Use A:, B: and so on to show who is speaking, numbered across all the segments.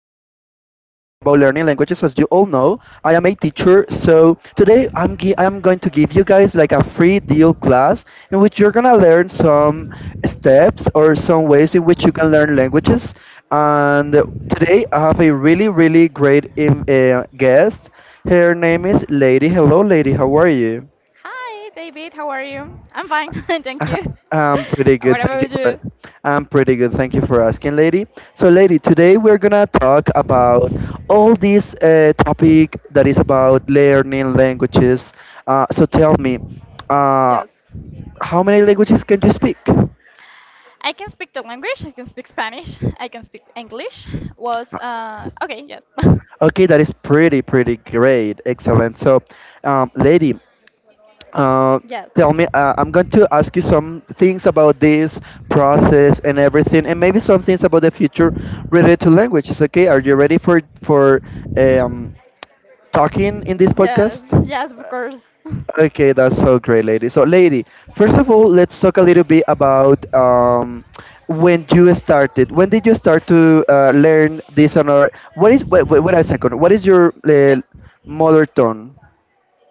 A: languages. As you all know, I am a teacher, so today I am going to give you guys like a free deal class in which you're gonna learn some steps or some ways in which you can learn languages. And today I have a really really great guest. Her name is Lady. Hello, Lady. How are you?
B: Hi, David. How are you? I'm fine. Thank you.
A: I'm pretty good.
B: What
A: Thank you
B: about
A: for
B: you?
A: I'm pretty good. Thank you for asking, lady. So, lady, today we're gonna talk about all this topic that is about learning languages. So, tell me, uh,
B: Yes.
A: how many languages can you speak?
B: I can speak the language. I can speak Spanish. I can speak English. Was okay. Yes.
A: Okay, that is pretty, pretty great. Excellent. So, lady, Uh,
B: Yes.
A: tell me, I'm going to ask you some things about this process and everything, and maybe some things about the future related to languages. Okay, are you ready for um, talking in this
B: Yes.
A: podcast?
B: Yes. Of course.
A: Okay, that's so great, lady. So, lady, first of all, let's talk a little bit about when you started. When did you start to learn this and or what is, wait, wait, wait a second. What is your
B: Yes.
A: mother tongue?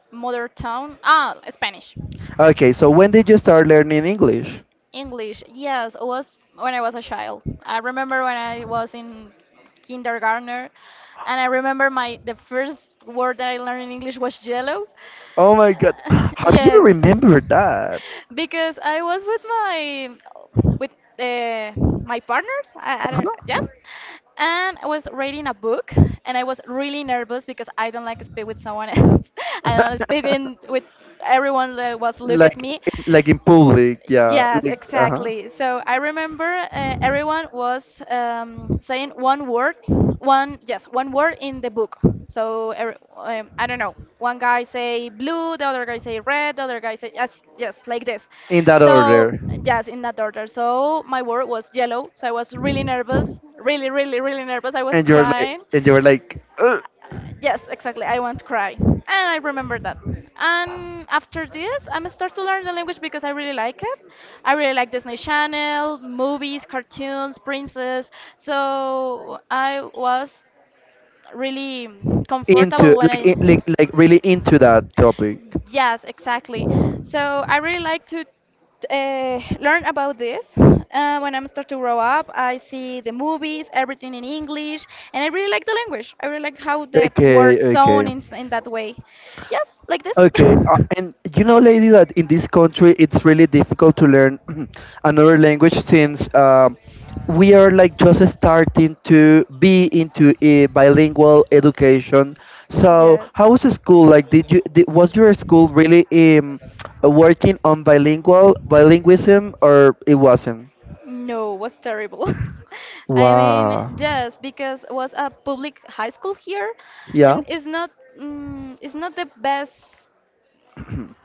B: Mother tongue. Ah, Spanish.
A: Okay, so when did you start learning English?
B: English, yes, it was when I was a child. I remember when I was in kindergarten, and I remember my the first word that I learned in English was yellow.
A: Oh my god. How do you
B: Yes,
A: remember that?
B: because I was with with uh, my partners. I don't, yes,
A: Uh-huh.
B: and I was reading a book, and I was really nervous because I don't like to speak with someone else. I don't like to speak with everyone that was look at
A: like
B: me.
A: like in public, yeah.
B: Yes,
A: Like uh-huh.
B: exactly. So I remember, everyone was, saying one word, one, yes, one word in the book. So I don't know. One guy say blue, the other guy say red, the other guy say yes, yes, like this.
A: In that
B: So
A: order.
B: yes, in that order. So my word was yellow. So I was really nervous, really, really, really nervous. I was
A: And you're like,
B: crying.
A: "Ugh,"
B: Uh, yes, exactly. I want to cry. And I remember that. And after this, I'm start to learn the language because I really like it. I really like Disney Channel, movies, cartoons, princess. So I was really comfortable
A: into
B: when I.
A: like in, like really into that topic.
B: Yes, exactly. So I really like to learn about this. When I'm start to grow up, I see the movies, everything in English, and I really like the language. I really like how the
A: Okay,
B: words sound
A: okay.
B: in that way. Yes, like this.
A: Okay, and you know, lady, that in this country it's really difficult to learn another language since we are like just starting to be into a bilingual education. So,
B: Yes.
A: how was the school like? Was your school really working on bilingualism or it wasn't?
B: No, was terrible. I mean,
A: Wow.
B: yes, because was a public high school here,
A: Yeah.
B: and it's not the best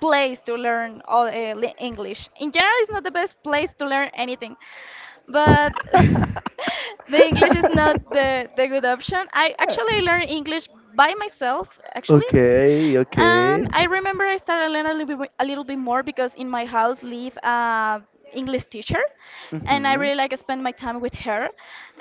B: place to learn all English. In general, it's not the best place to learn anything, but the English is not the good option. I actually learned English by myself, actually.
A: Okay.
B: And
A: Okay.
B: I remember I started learning a little bit more because in my house live English teacher, and I
A: Mhm.
B: really like spend my time with her.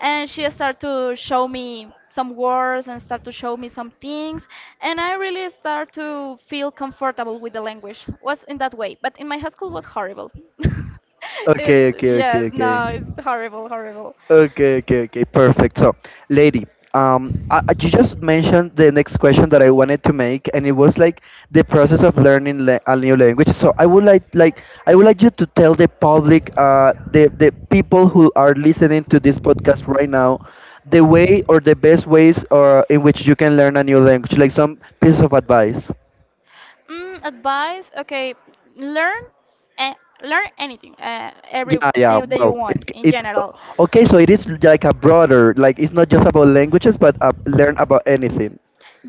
B: And she started to show me some words and start to show me some things, and I really start to feel comfortable with the language. Was in that way, but in my high school was horrible.
A: Okay. Okay.
B: Yes,
A: Okay. Okay.
B: no, it's horrible, horrible.
A: Okay, okay, okay, perfect. So, lady, you just mentioned the next question that I wanted to make, and it was like the process of learning la a new language. So, I would like you to tell the public, the people who are listening to this podcast right now, the way or the best ways or in which you can learn a new language, like some pieces of advice.
B: Advice? Okay, learn, eh, learn anything,
A: Yeah, yeah.
B: everything that you
A: Well, it
B: want in
A: it
B: general.
A: okay. So it is like a broader, like it's not just about languages, but learn about anything.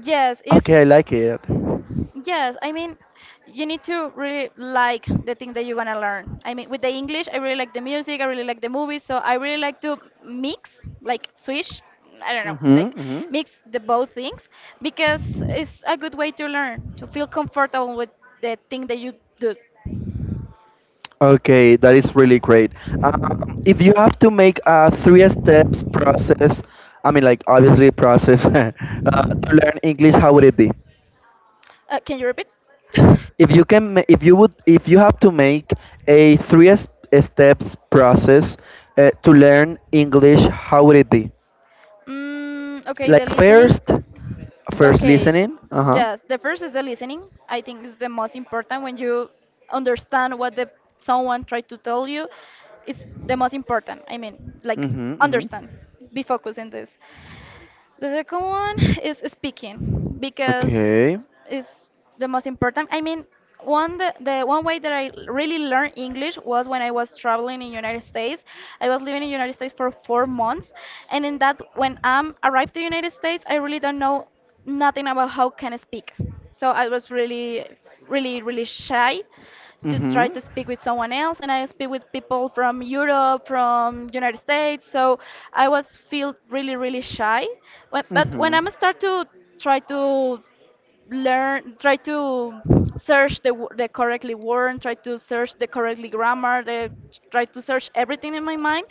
B: Yes, it's.
A: Okay, I like it. Mm-hmm,
B: Yes, I mean, you need to really like the thing that you're gonna learn. I mean, with the English, I really like the music, I really like the movies, so I really like to mix, like switch, I don't know, like
A: mm-hmm.
B: mix the both things because it's a good way to learn, to feel comfortable with the thing that you do.
A: Okay, that is really great. Um, if you have to make a three steps process, I mean, like obviously process to learn English, how would it be?
B: Can you repeat?
A: If you can, ma- if you would, If you have to make a three steps process to learn English, how would it be?
B: Okay, the
A: Like
B: listening.
A: first, first
B: Okay,
A: listening. Uh huh.
B: just the first is the listening. I think is the most important when you understand what the someone tried to tell you. It's the most important. I mean, like
A: Mm-hmm, mm-hmm.
B: understand, be focused in this. The second one is speaking
A: Okay.
B: because it's the most important. I mean, one the one way that I really learned English was when I was traveling in United States. I was living in United States for 4 months, and in that when I am arrived to United States, I really don't know nothing about how can I speak. So I was really, really, really shy to try
A: Mm-hmm.
B: to speak with someone else and I speak with people from Europe, from United States. So I was feel really really shy. But when I'm start to try to try to search the correctly word, try to search the correctly grammar, try to search everything in my mind,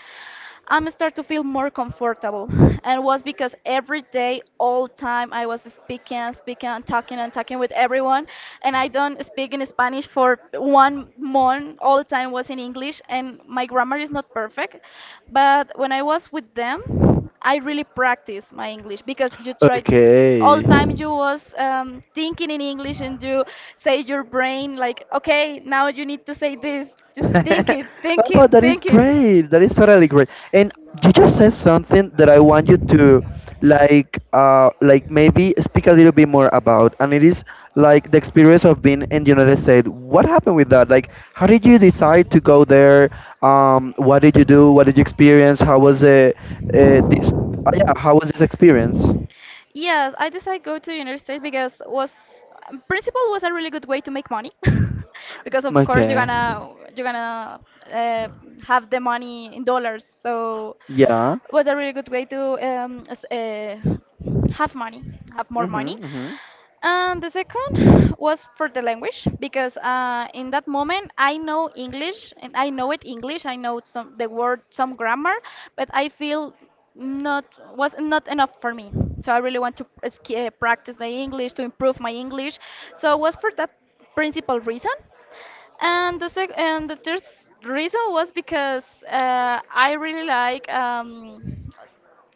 B: I'm starting to feel more comfortable. And was because every day, all time, I was speaking and speaking and talking with everyone. And I don't speak in Spanish for one month. All the time was in English. And my grammar is not perfect. But when I was with them, I really practiced my English because you try all
A: Okay.
B: time you was thinking in English and you say your brain like, okay, now you need to say this. Just thinking,
A: Oh, but
B: thinking,
A: that is
B: thinking.
A: great. That is totally great. And you just said something that I want you to maybe speak a little bit more about, and it is like the experience of being in the United States. What happened with that? Like how did you decide to go there? What did you do? What did you experience? Uh, this yeah, how was this experience?
B: Yes, I decided go to United States because was principal was a really good way to make money, because of course you're
A: Okay.
B: gonna you're gonna uh, have the money in dollars, so
A: Yeah.
B: was a really good way to have have more money.
A: Mm-hmm, mm-hmm.
B: And the second was for the language because in that moment I know English and I know it English. I know some the word, some grammar, but I feel not, was not enough for me. So I really want to practice the English to improve my English. So it was for that principal reason. And the third reason was because I really like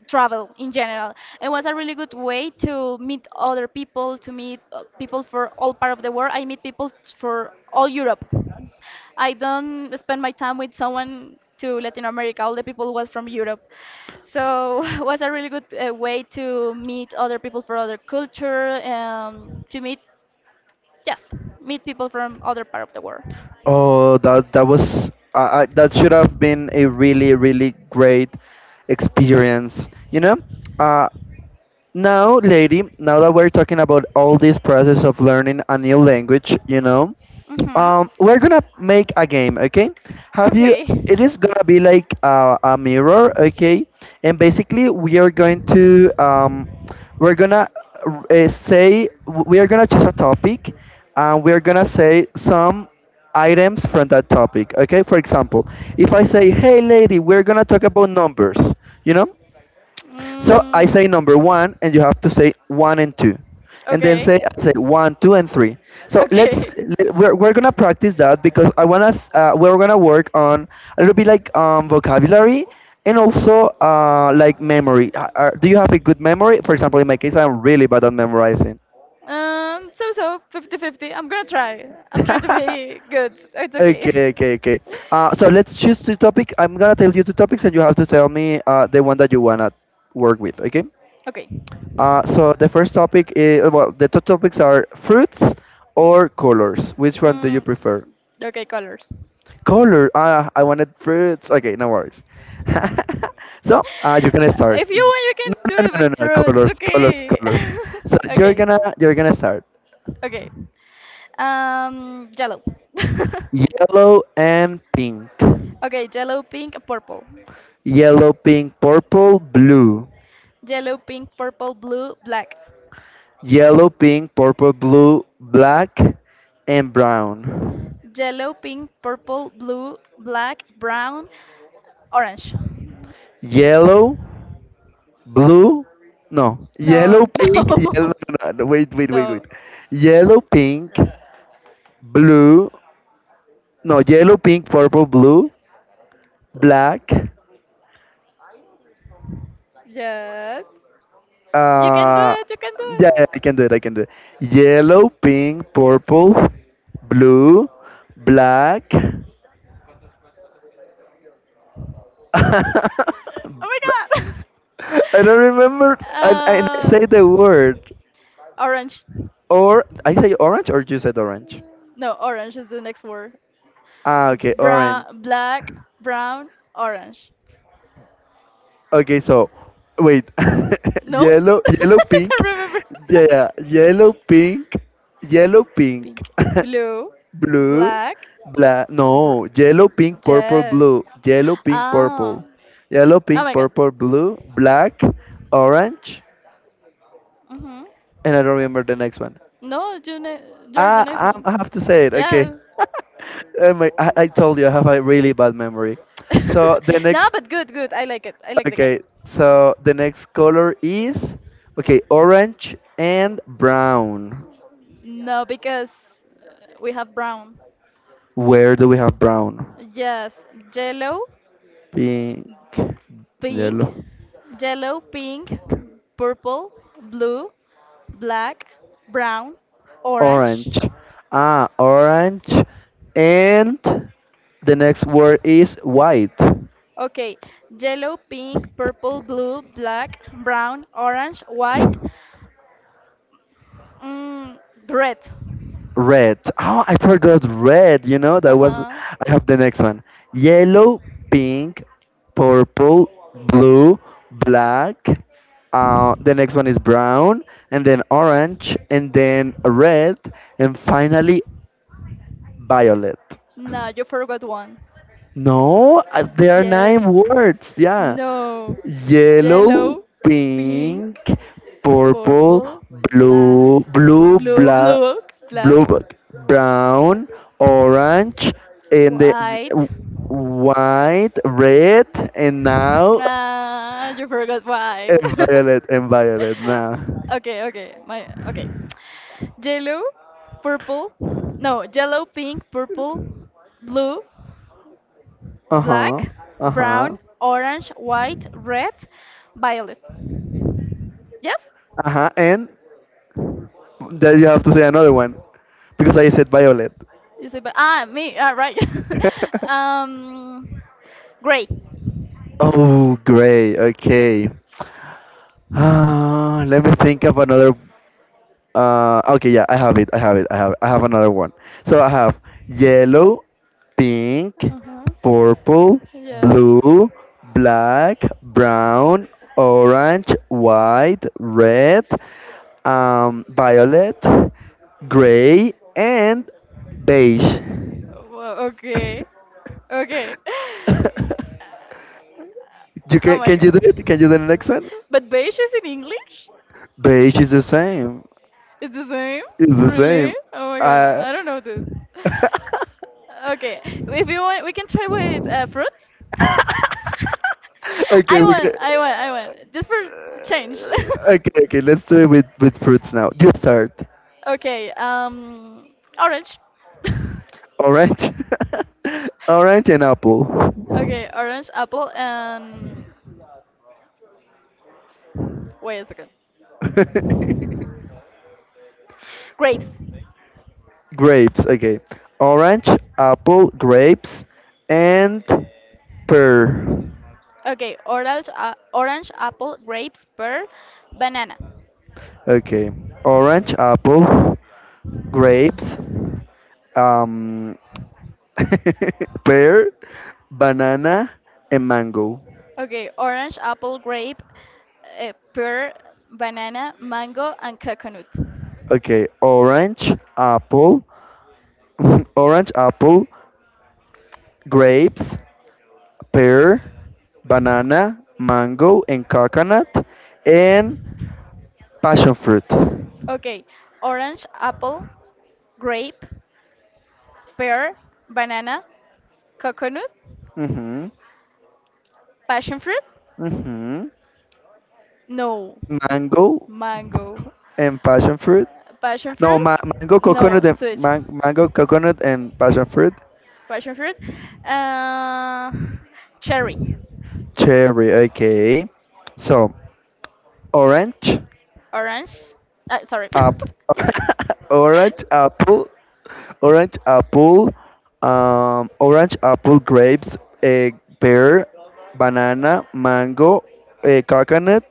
B: travel in general. It was a really good way to meet other people, to meet people for all part of the world. I meet people for all Europe. I don't spend my time with someone to Latin America. All the people was from Europe. So it was a really good way to meet other people for other culture, to yes, meet people from other part of the world.
A: Oh, that was, that should have been a really really great experience. You know, uh, now, lady, now that we're talking about all this process of learning a new language,
B: Hmm.
A: we're gonna make a game, okay? Have you?
B: Okay.
A: It is gonna be like a mirror, okay? And basically, we are going to we're gonna we are gonna choose a topic, and we're gonna say some items from that topic, okay? For example, if I say, "Hey, lady, we're gonna talk about numbers," you know? So I
B: Mm.
A: say number one, and you have to say one and two, and then
B: Okay.
A: say I say one, two, and three. So let's
B: Okay.
A: we're gonna practice that because we're gonna work on a little bit like vocabulary and also like memory. Do you have a good memory? For example, in my case, I'm really bad at memorizing.
B: So, 5050 I'm gonna try. I'm trying to be good. It's okay.
A: Okay, okay, okay. So let's choose two topics. I'm gonna tell you two topics, and you have to tell me the one that you wanna work with. Okay?
B: Okay.
A: So the first topic is, well, the two topics are fruits or colors. Which one do you
B: Mm,
A: prefer?
B: okay, colors.
A: Color. Ah, I wanted fruits. Okay, no worries. So you can start.
B: If you want, you
A: No,
B: can do
A: no,
B: it
A: no, no,
B: with
A: no.
B: fruits.
A: Colors, colors,
B: Okay.
A: colors. So
B: Okay.
A: you're gonna start.
B: Okay. Yellow.
A: Yellow and pink.
B: Okay, yellow, pink, purple.
A: Yellow, pink, purple, blue.
B: Yellow, pink, purple, blue, black.
A: Yellow, pink, purple, blue, black, and brown.
B: Yellow, pink, purple, blue, black, brown, orange.
A: Yellow, blue, no, yellow,
B: No,
A: pink, yellow,
B: no,
A: no, no, no, wait, wait, wait, wait.
B: no.
A: Yellow, pink, blue, no, yellow, pink, purple, blue, black.
B: Yes. You can do
A: uh
B: it, you can do it.
A: yeah, yeah, I can do it, I can do it. Yellow, pink, purple, blue, black. I
B: Oh my
A: don't remember.
B: god!
A: And I say the word,
B: Orange.
A: or I say orange, or you said orange?
B: No, orange is the next word.
A: Ah, okay, orange.
B: Brown, black, brown, orange.
A: Okay, so wait,
B: No?
A: yellow, yellow,
B: I
A: pink,
B: don't remember.
A: yeah, yeah, yellow, pink,
B: Pink, blue,
A: blue,
B: black,
A: black.
B: br-
A: No, yellow, pink, purple,
B: yes.
A: blue,
B: Ah.
A: yellow,
B: Oh
A: pink,
B: my god.
A: purple, blue, black, orange,
B: Mm-hmm.
A: and I don't remember the next one.
B: No, you're the next
A: Ah,
B: one.
A: I have to say it. Okay.
B: Yes.
A: Oh my, I told you I have a really bad memory. So the
B: No,
A: next
B: but good, good. I like it. I like the game.
A: Okay, so the next color is, okay, orange and brown.
B: No, because we have brown.
A: Where do we have brown?
B: Yes, yellow,
A: Pink,
B: pink,
A: yellow,
B: yellow, pink, purple, blue, black, brown, orange.
A: orange. Ah, orange, and the next word is white.
B: Okay, yellow, pink, purple, blue, black, brown, orange, white, mm, red.
A: Red. Oh, I forgot red. You know,
B: Uh
A: that was.
B: huh.
A: I have the next one. Yellow, pink, purple, blue, black. The next one is brown, and then orange, and then red, and finally violet.
B: No, you forgot one.
A: No, there are
B: Yes.
A: nine words. Yeah.
B: No.
A: Yellow,
B: Yellow, pink,
A: pink, purple,
B: purple, black,
A: blue,
B: blue, blue,
A: blue,
B: black,
A: black, brown, orange, and the
B: white.
A: w- white, red, and now,
B: Ah, you forgot white.
A: and violet, and violet now.
B: Okay, okay. My okay. Yellow, purple. No, yellow, pink, purple, blue,
A: Uh-huh.
B: black,
A: Uh-huh.
B: brown, orange, white, red, violet. Yes?
A: Uh-huh. And then you have to say another one because I said violet.
B: You say, but me, right. um, Gray.
A: Oh, great. Okay. Let me think of another. Okay, yeah, I have it. I have it. I have another one. So I have yellow, pink,
B: Uh huh.
A: purple,
B: Yes.
A: blue, black, brown, orange, white, red, violet, gray, and beige.
B: Well, okay. Okay.
A: you
B: Oh my
A: can you do it?
B: god.
A: Can you do the next one?
B: But beige is in English?
A: Beige is the same.
B: It's the same?
A: It's the
B: Really?
A: same.
B: Oh my god.
A: Uh,
B: I don't know this. Okay. If you want, we can try with fruits.
A: okay,
B: I
A: we can.
B: won. I won. I won. Just for change.
A: Okay, okay. Let's do it with fruits now. You start.
B: Okay. Orange.
A: Orange, orange and apple.
B: Okay, orange, apple, and wait a second. Grapes.
A: Grapes. Okay, orange, apple, grapes, and pear.
B: Okay, orange, apple, grapes, pear, banana.
A: Okay, orange, apple, grapes, um, pear, banana, and mango.
B: Okay, orange, apple, grape, pear, banana, mango, and coconut.
A: Okay, orange, apple, orange, apple, grapes, pear, banana, mango, and coconut, and passion fruit.
B: Okay, orange, apple, grape, pear, banana, coconut,
A: Mhm.
B: passion fruit.
A: Mhm.
B: No,
A: Mango
B: mango.
A: and passion fruit.
B: Uh, Passion
A: No,
B: fruit?
A: mango,
B: No,
A: coconut, and
B: switch.
A: mango, coconut, and passion fruit.
B: Passion fruit. Uh, Cherry.
A: Cherry. Okay. So orange,
B: Orange. Sorry.
A: App, orange apple, orange apple, orange apple, grapes, eh, pear, banana, mango, coconut,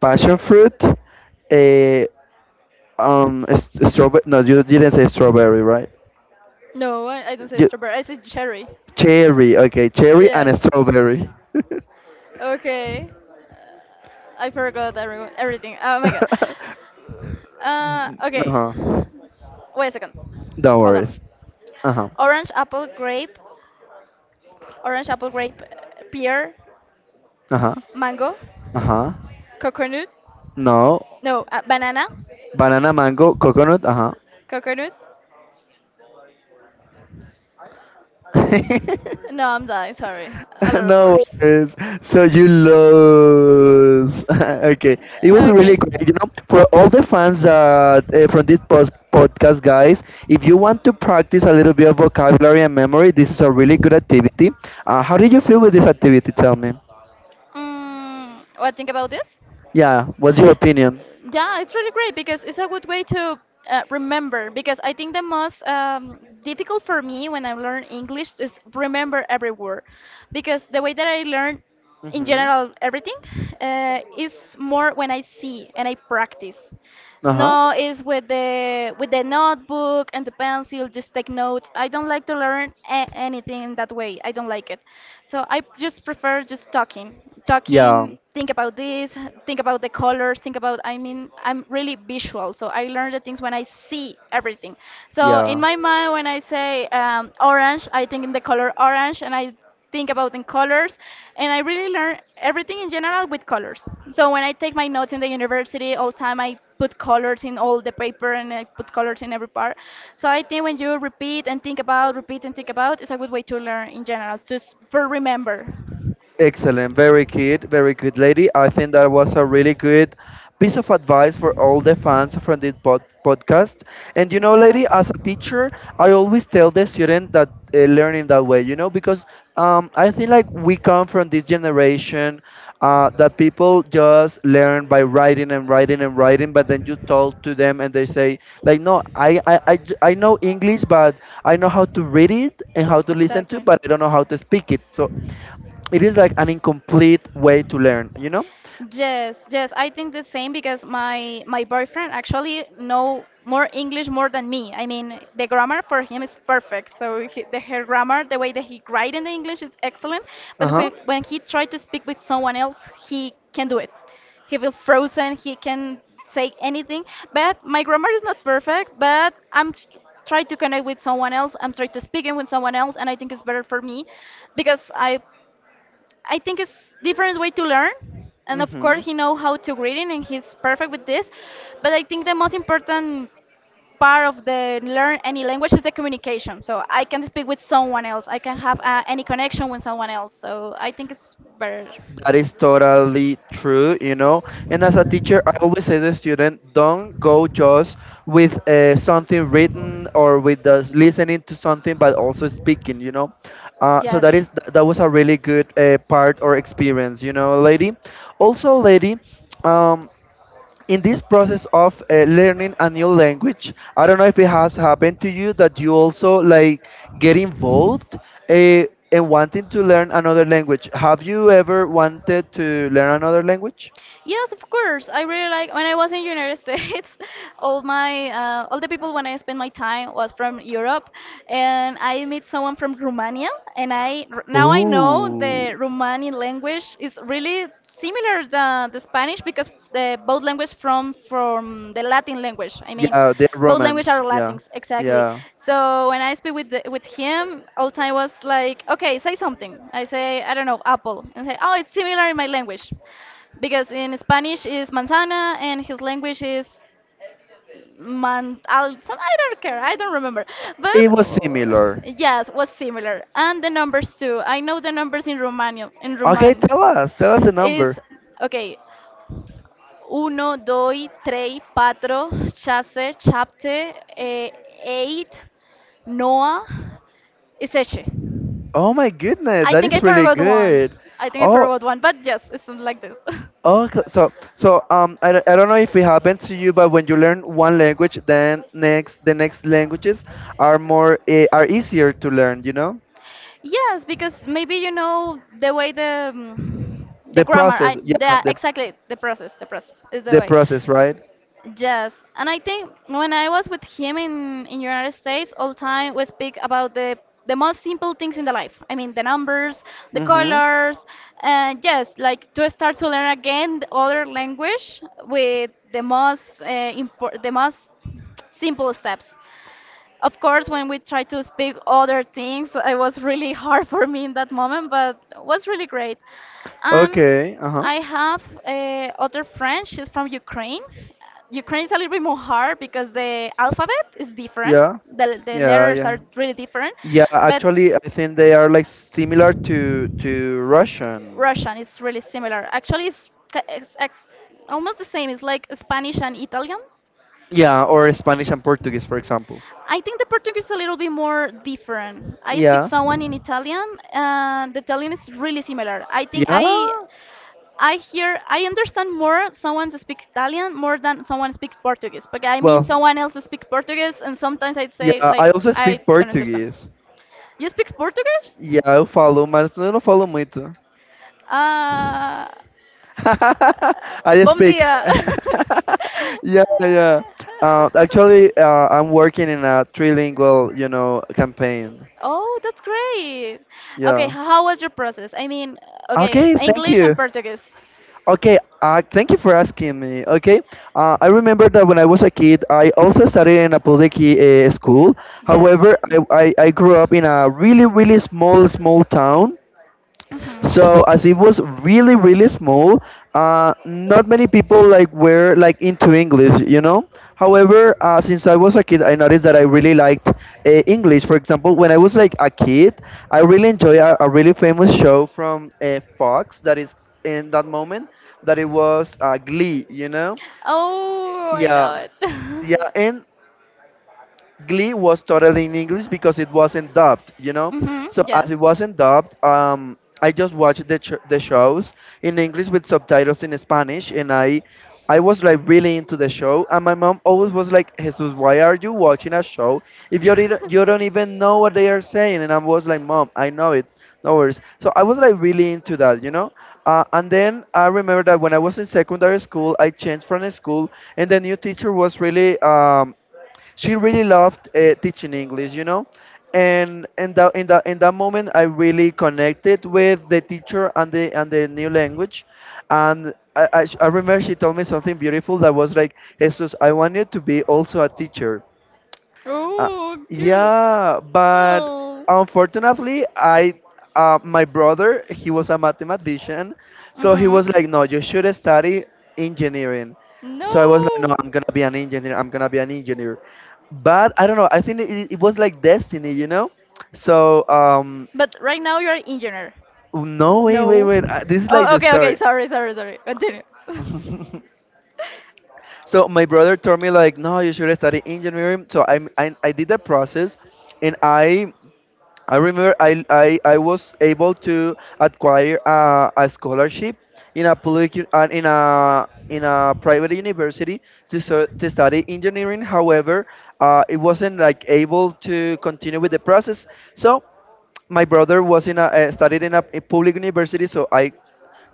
A: passion
B: Okay.
A: fruit, eh, um, strawberry. No, you didn't say strawberry, right?
B: No, I don't say
A: You,
B: strawberry. I say cherry.
A: cherry. Okay, cherry
B: Yes.
A: and strawberry.
B: Okay. I forgot everyone, everything. Oh my god. Okay.
A: Uh-huh.
B: Wait a second.
A: Don't
B: Hold
A: worry.
B: on.
A: Uh huh.
B: Orange, apple, grape. Orange, apple, grape, pear,
A: Uh huh.
B: mango,
A: Uh huh.
B: coconut.
A: No.
B: No, banana,
A: Banana, mango, coconut. Uh huh.
B: coconut. No, I'm dying. Sorry. A lot of
A: No
B: words.
A: worries. So you lose. Okay. It was
B: Okay.
A: really great. You know, for all the fans that from this podcast, guys, if you want to practice a little bit of vocabulary and memory, this is a really good activity. How did you feel with this activity? Tell me.
B: What think about this?
A: Yeah. What's your opinion?
B: Yeah, it's really great because it's a good way to remember. Because I think the most difficult for me when I learn English is remember every word, because the way that I learn in
A: Mm-hmm.
B: general everything is more when I see and I practice.
A: Uh huh.
B: No, it's with the notebook and the pencil. Just take notes. I don't like to learn a anything in that way. I don't like it. So I just prefer just talking,
A: Yeah.
B: talking. Think about this. Think about the colors. Think about. I mean, I'm really visual, so I learn the things when I see everything. So in
A: Yeah.
B: my mind, when I say orange, I think in the color orange, and I think about in colors. And I really learn everything in general with colors. So when I take my notes in the university, all time I put colors in all the paper, and I put colors in every part. So I think when you repeat and think about, it's a good way to learn in general, just for remember.
A: Excellent, very good, very good, lady. I think that was a really good piece of advice for all the fans from this podcast. And you know,
B: Yeah,
A: lady, as a teacher, I always tell the student that learning that way, because I think like we come from this generation that people just learn by writing and writing and writing, but then you talk to them and they say, like, no, I know English, but I know how to read it and how to listen to,
B: exactly.
A: but I don't know how to speak it. So it is like an incomplete way to learn, you know?
B: Yes, yes, I think the same because my boyfriend actually know more English more than me. I mean, the grammar for him is perfect. So he, the her grammar, the way that he write in the English is excellent.
A: Uh
B: But
A: huh.
B: when he try to speak with someone else, he can do it. He feels frozen. He can say anything. But my grammar is not perfect. But try to connect with someone else. I'm trying to speak in with someone else, and I think it's better for me because I think it's different way to learn. And of
A: Hmm.
B: course, he know how to reading, and he's perfect with this. But I think the most important part of the learn any language is the communication. So I can speak with someone else. I can have any connection with someone else. So I think it's better.
A: That is totally true, you know. And as a teacher, I always say to the student, don't go just with something written or with the listening to something, but also speaking, you know. So
B: Yes.
A: that is that was a really good part or experience, you know, lady. Also, lady. Um, in this process of learning a new language, I don't know if it has happened to you that you also like get involved, uh, in wanting to learn another language. Have you ever wanted to learn another language?
B: Yes, of course. I really like when I was in United States, all my all the people when I spent my time was from Europe, and I met someone from Romania, and now I know
A: Oh,
B: the Romanian language is really similar the Spanish because the both language from the Latin language. I mean,
A: yeah, they're
B: both language
A: romance,
B: are
A: yeah.
B: Latins exactly.
A: Yeah,
B: So when I speak with the, with him, all time was like, okay, say something. I say I don't know apple, and say oh it's similar in my language because in Spanish is manzana and his language is man. I'll, some, I don't care. I don't remember. But
A: it was similar.
B: Yes, was similar. And the numbers too. I know the numbers in Romanian. In
A: Okay,
B: Roman
A: tell us, tell us a
B: is
A: number.
B: okay. Uno, doi, trei, patro, chase, chapte, eight, noa, iseche.
A: Oh my goodness,
B: I
A: that
B: think I
A: is really
B: forgot one.
A: good.
B: I think I
A: Oh.
B: forgot one, but yes, it's something like this.
A: Okay, so, I don't know if it happened to you, but when you learn one language, then next the next languages are more are easier to learn. You know
B: Yes, because maybe you know the way the
A: the
B: grammar, I,
A: process, yeah,
B: the
A: the
B: exactly the process is the
A: the
B: way.
A: process, right?
B: Yes, and I think when I was with him in United States, all the time we speak about the most simple things in the life. I mean, the numbers, the
A: Mm-hmm.
B: colors, and yes, like to start to learn again the other language with the most impor the most simple steps. Of course, when we tried to speak other things, it was really hard for me in that moment, but was really great. Um,
A: Okay. Uh huh.
B: I have other friend. She's from Ukraine. Ukraine is a little bit more hard because the alphabet is different.
A: Yeah.
B: The
A: Yeah.
B: letters
A: Yeah.
B: are really different,
A: Yeah.
B: but
A: Actually, I think they are like similar to Russian.
B: Russian is really similar. Actually, it's, ca- it's, ex- Almost the same. It's like Spanish and Italian.
A: Yeah, or Spanish and Portuguese, for example.
B: I think the Portuguese is a little bit more different. I speak
A: Yeah.
B: someone in Italian, and the Italian is really similar.
A: Yeah.
B: I hear, I understand more someone that speaks Italian more than someone speaks Portuguese. But I mean,
A: Well,
B: someone else that speaks Portuguese, and sometimes I'd say
A: yeah. I
B: like
A: also speak
B: I don't understand.
A: Portuguese.
B: You speak Portuguese?
A: E aí eu falo, mas eu não falo muito.
B: Uh,
A: I just
B: Bom
A: speak.
B: dia.
A: Yeah, yeah. Actually, I'm working in a trilingual, you know, campaign.
B: Oh, that's great. Okay,
A: Yeah.
B: how was your process? I mean, okay,
A: Okay, thank
B: English and
A: you.
B: Portuguese.
A: Okay, thank you for asking me. Okay, I remember that when I was a kid, I also studied in a public school.
B: Yes.
A: However, I grew up in a really, really small, small town.
B: Mhm.
A: So as it was really really small, not many people like were like into English, you know. However, since I was a kid, I noticed that I really liked English. For example, when I was like a kid, I really enjoy a really famous show from Fox that is in that moment that it was Glee, you know.
B: Oh, I
A: Yeah,
B: love it.
A: yeah, and Glee was totally in English because it wasn't dubbed, you know.
B: Mhm.
A: So as
B: Yes.
A: it wasn't dubbed, I just watched the the shows in English with subtitles in Spanish, and I was like really into the show. And my mom always was like, "Jesus, why are you watching a show if you don't even know what they are saying?" And I was like, "Mom, I know it, no worries." So I was like really into that, you know. And then I remember that when I was in secondary school, I changed from a school, and the new teacher was really she really loved teaching English, you know. And in that moment, I really connected with the teacher and the new language. And I remember she told me something beautiful that was like, Jesus, I want you to be also a teacher, uh,
B: Oh, cute.
A: yeah, but
B: Oh,
A: unfortunately, I my brother, he was a mathematician, so he
B: Mhm.
A: was like, "No, you should study engineering." So I was like, "No,
B: No.
A: I'm gonna be an engineer. I'm gonna be an engineer." But I don't know. I think it was like destiny, you know. So
B: But right now you're an engineer.
A: no, wait, wait,
B: No.
A: wait. This is like
B: Oh,
A: the
B: okay, okay.
A: story.
B: Sorry, sorry, sorry. Continue.
A: So my brother told me like, no, you should study engineering. So I did the process, and I remember I was able to acquire a scholarship in a public in a private university to, so, to study engineering. However, it wasn't like able to continue with the process. So my brother was in a studied in a public university, so I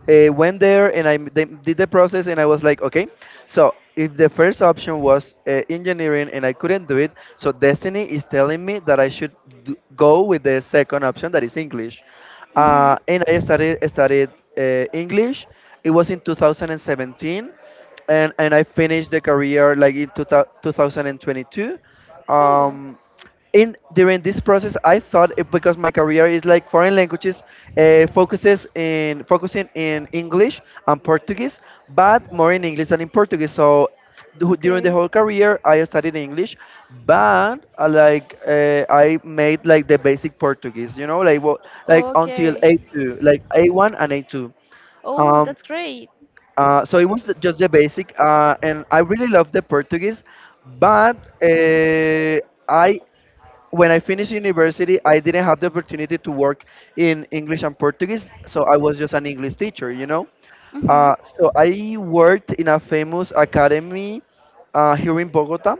A: went there and they did the process, and I was like, okay, so if the first option was engineering and I couldn't do it, so destiny is telling me that I should d go with the second option that is English,
B: Mhm.
A: and I started studied English. It was in 2017, and I finished the career like in 2000 2022.
B: Oh.
A: Um, in during this process, I thought it, because my career is like foreign languages, focuses in focusing in English and Portuguese, but more in English than in Portuguese. So during
B: Okay.
A: the whole career, I studied English, but like I made like the basic Portuguese, you know, like what like until
B: Okay.
A: A2, like A1 and A2.
B: Oh, that's great.
A: So it was just the basic, and I really love the Portuguese, but uh, I when I finished university, I didn't have the opportunity to work in English and Portuguese, so I was just an English teacher, you know.
B: Mhm.
A: So I worked in a famous academy here in Bogota,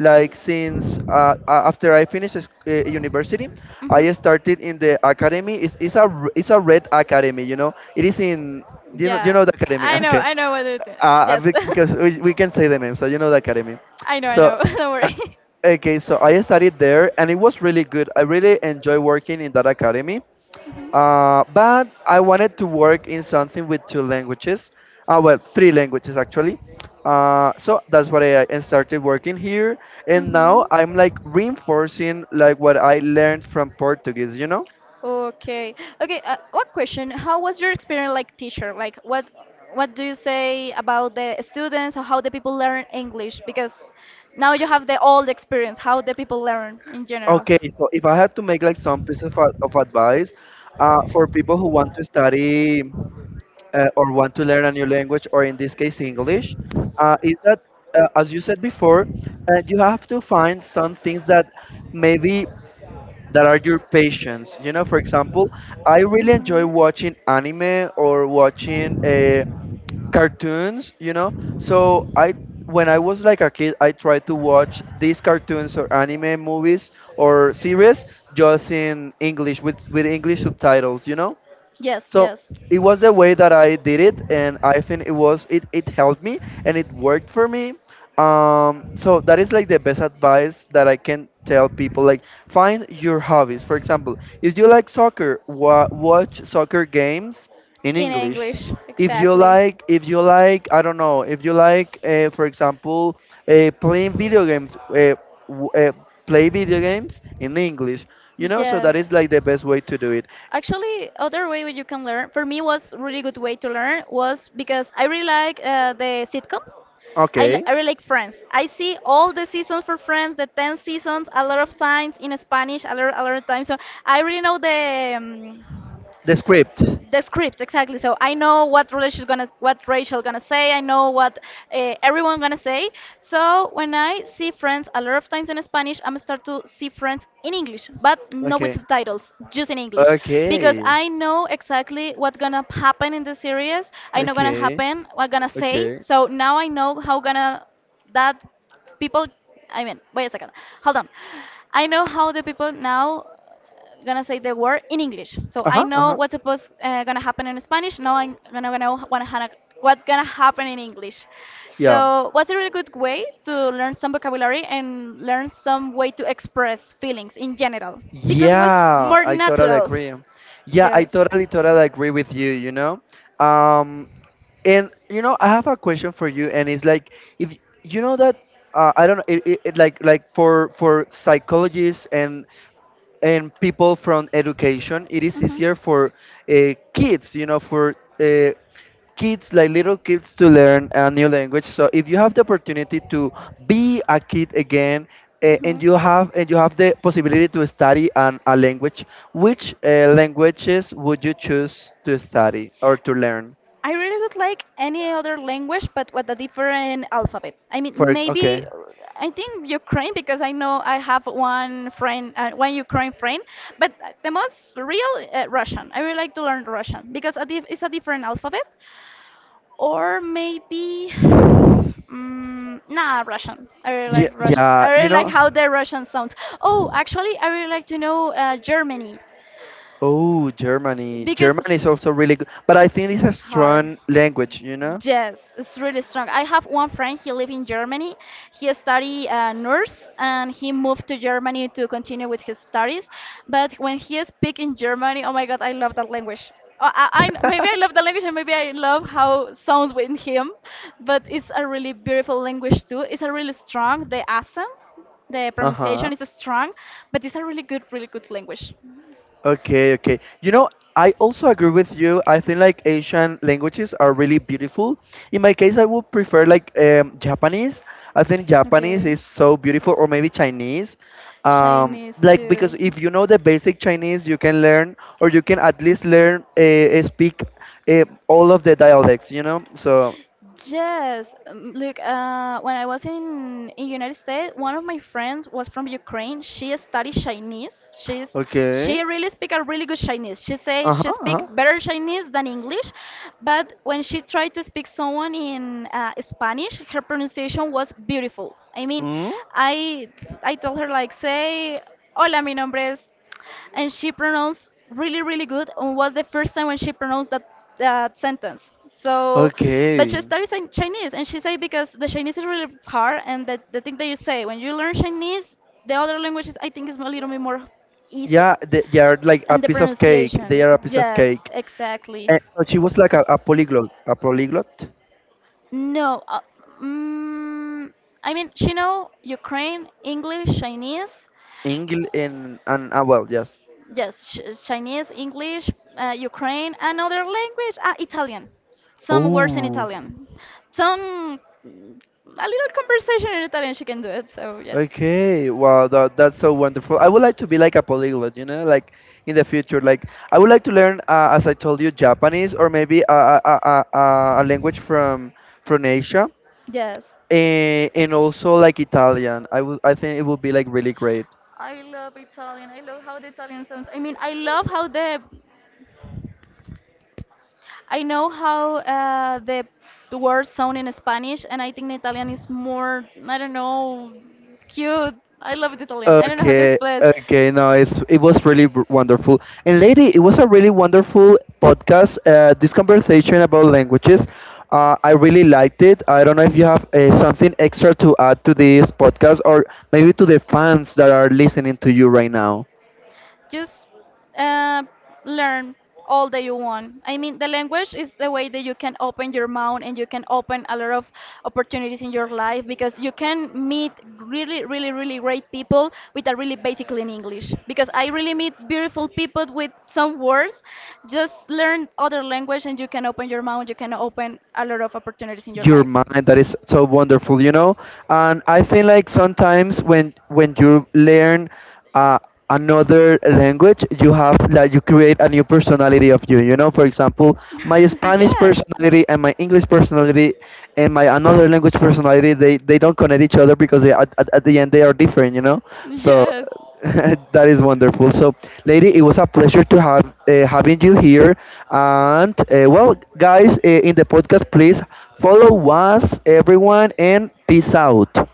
A: like since after I finished university,
B: Hmm.
A: I started in the academy. It's a it's a red academy, you know. It is in, do you know, do you
B: Yeah,
A: know the academy? Okay,
B: I know what it. Yes,
A: because we can say the name, so you know the academy.
B: I know, I
A: So
B: know. Don't
A: uh,
B: worry.
A: okay, so I studied there, and it was really good. I really enjoy working in that academy. But I wanted to work in something with two languages, well, three languages actually. So that's what I started working here, and now
B: Mm-hmm.
A: I'm like reinforcing like what I learned from Portuguese, you know?
B: Okay. Okay. One question. How was your experience like teacher? Like what do you say about the students or how the people learn English? Because now you have the old experience, how the people learn in general.
A: Okay, so if I had to make like some piece of, of advice for people who want to study or want to learn a new language, or in this case English, is that as you said before, you have to find some things that maybe that are your passions. You know, for example, I really enjoy
B: Hmm.
A: watching anime or watching cartoons. You know, so I when I was like a kid, I tried to watch these cartoons or anime movies or series just in English with English subtitles. You know,
B: Yes,
A: so
B: yes.
A: it was the way that I did it, and I think it helped me and it worked for me. So that is like the best advice that I can tell people. Like, find your hobbies. For example, if you like soccer, watch soccer games in
B: In
A: English.
B: English, exactly.
A: If you like, I don't know, if you like, for example, playing video games, w- uh, play video games in English. You know, so
B: Yes.
A: that is like the best way to do it.
B: Actually, other way you can learn for me was really good way to learn was because I really like the sitcoms.
A: Okay.
B: I really like Friends. I see all the seasons for Friends, the 10 seasons, a lot of times in Spanish, a lot of times. So I really know
A: The script.
B: the script exactly. So I know what Rachel gonna say. I know what everyone gonna say. So when I see Friends a lot of times in Spanish, I'm start to see Friends in English but not with
A: Okay.
B: subtitles, just in English, because
A: Okay.
B: I know exactly what's gonna happen in the series. I know gonna
A: Okay.
B: happen what gonna say.
A: Okay.
B: So now I know how gonna that people, I mean, wait a second, hold on, I know how the people now gonna say the word in English. So
A: Uh
B: I
A: huh. Uh
B: know
A: huh.
B: what's supposed gonna happen in Spanish. Now I'm what's gonna happen in English.
A: Yeah.
B: So what's a really good way to learn some vocabulary and learn some way to express feelings in general because what's
A: Yeah,
B: more
A: I totally
B: natural.
A: agree. Yeah, I
B: Yes.
A: totally, totally agree with you, you know. Um. And you know, I have a question for you, and it's like, if you know that, I don't know, it like for psychologists and people from education, it is
B: Mhm.
A: easier for kids, you know, for uh, kids, like little kids, to learn a new language. So if you have the opportunity to be a kid again,
B: Mhm.
A: and you have the possibility to study a language, which languages would you choose to study or to learn?
B: I really would like any other language, but with a different alphabet. I mean,
A: For okay,
B: maybe I think Ukraine because I know I have one friend, one Ukraine friend. But the most real Russian. I would like to learn Russian because it's a different alphabet. Or maybe, Russian. I really
A: yeah,
B: like Russian.
A: yeah,
B: I really
A: you
B: like
A: know.
B: how the Russian sounds. Oh, actually, I really like to know Germany
A: Oh, Germany.
B: because
A: German is also really good, but I think it's a
B: it's hard.
A: strong language, you know?
B: Yes, it's really strong. I have one friend, he lives in Germany. He studied nurse and he moved to Germany to continue with his studies. But when he speak in Germany, oh my God, I love that language. Maybe I love the language and maybe I love how it sounds with him, but it's a really beautiful language too. It's a really strong, the accent, the pronunciation
A: Uh-huh.
B: is strong, but it's a really good, really good language.
A: Okay, okay. You know, I also agree with you. I think like Asian languages are really beautiful. In my case, I would prefer like Japanese. I think Japanese
B: Okay.
A: is so beautiful, or maybe Chinese.
B: Chinese
A: Like, because
B: too.
A: if you know the basic Chinese, you can learn, or you can at least learn speak all of the dialects. You know. So
B: Yes, look, when I was in United States, one of my friends was from Ukraine. She studied Chinese.
A: okay.
B: She really speak a really good Chinese. She
A: Uh
B: says
A: huh.
B: she
A: Uh-huh.
B: speak
A: Uh-huh.
B: better Chinese than English, but when she tried to speak someone in Spanish, her pronunciation was beautiful. I mean,
A: Mm?
B: I I told her like say, "Hola, mi nombre es," and she pronounced really really good and was the first time when she pronounced that that sentence. So but she
A: Okay.
B: studies in Chinese and she said because the Chinese is really hard and the thing that you say when you learn Chinese, the other languages I think is a little bit more easy.
A: Yeah, they are like a
B: And the
A: piece of cake. They
B: pronunciation,
A: are a piece of
B: yes,
A: cake.
B: exactly.
A: So she was like a polyglot,
B: no mm, I mean she know Ukraine, English, Chinese.
A: English and well, yes.
B: Yes, Chinese, English, Ukraine, another language, ah, Italian. Some words in
A: Oh,
B: Italian. Some, mm, a little conversation in Italian, she can do it, so yes.
A: okay. Wow, that that's so wonderful. I would like to be like a polyglot, you know, like in the future. Like, I would like to learn, as I told you, Japanese or maybe a language from Asia,
B: Yes.
A: and also like Italian. I think it would be like really great.
B: I love Italian. I love how the Italian sounds. I mean, I love how the, I know how the words sound in Spanish, and I think the Italian is more, I don't know, cute. I love the Italian. I don't know how to
A: Okay,
B: express.
A: okay, no, it's it was really wonderful. And lady, it was a really wonderful podcast. This conversation about languages, I really liked it. I don't know if you have something extra to add to this podcast, or maybe to the fans that are listening to you right now.
B: Just uh, learn all that you want. I mean, the language is the way that you can open your mind and you can open a lot of opportunities in your life because you can meet really, really, really great people with a really basically in English. Because I really meet beautiful people with some words. Just learn other language and you can open your mind. You can open a lot of opportunities in your
A: Your
B: life.
A: mind, that is so wonderful, you know. And I think like sometimes when you learn uh, another language, you have like you create a new personality of you, you know. For example, my Spanish
B: Yes,
A: personality and my English personality and my another language personality, they don't connect each other, because they at the end they are different, you know. So
B: yes.
A: that is wonderful. So, lady, it was a pleasure to have having you here. And well, guys, in the podcast, please follow us, everyone, and peace out.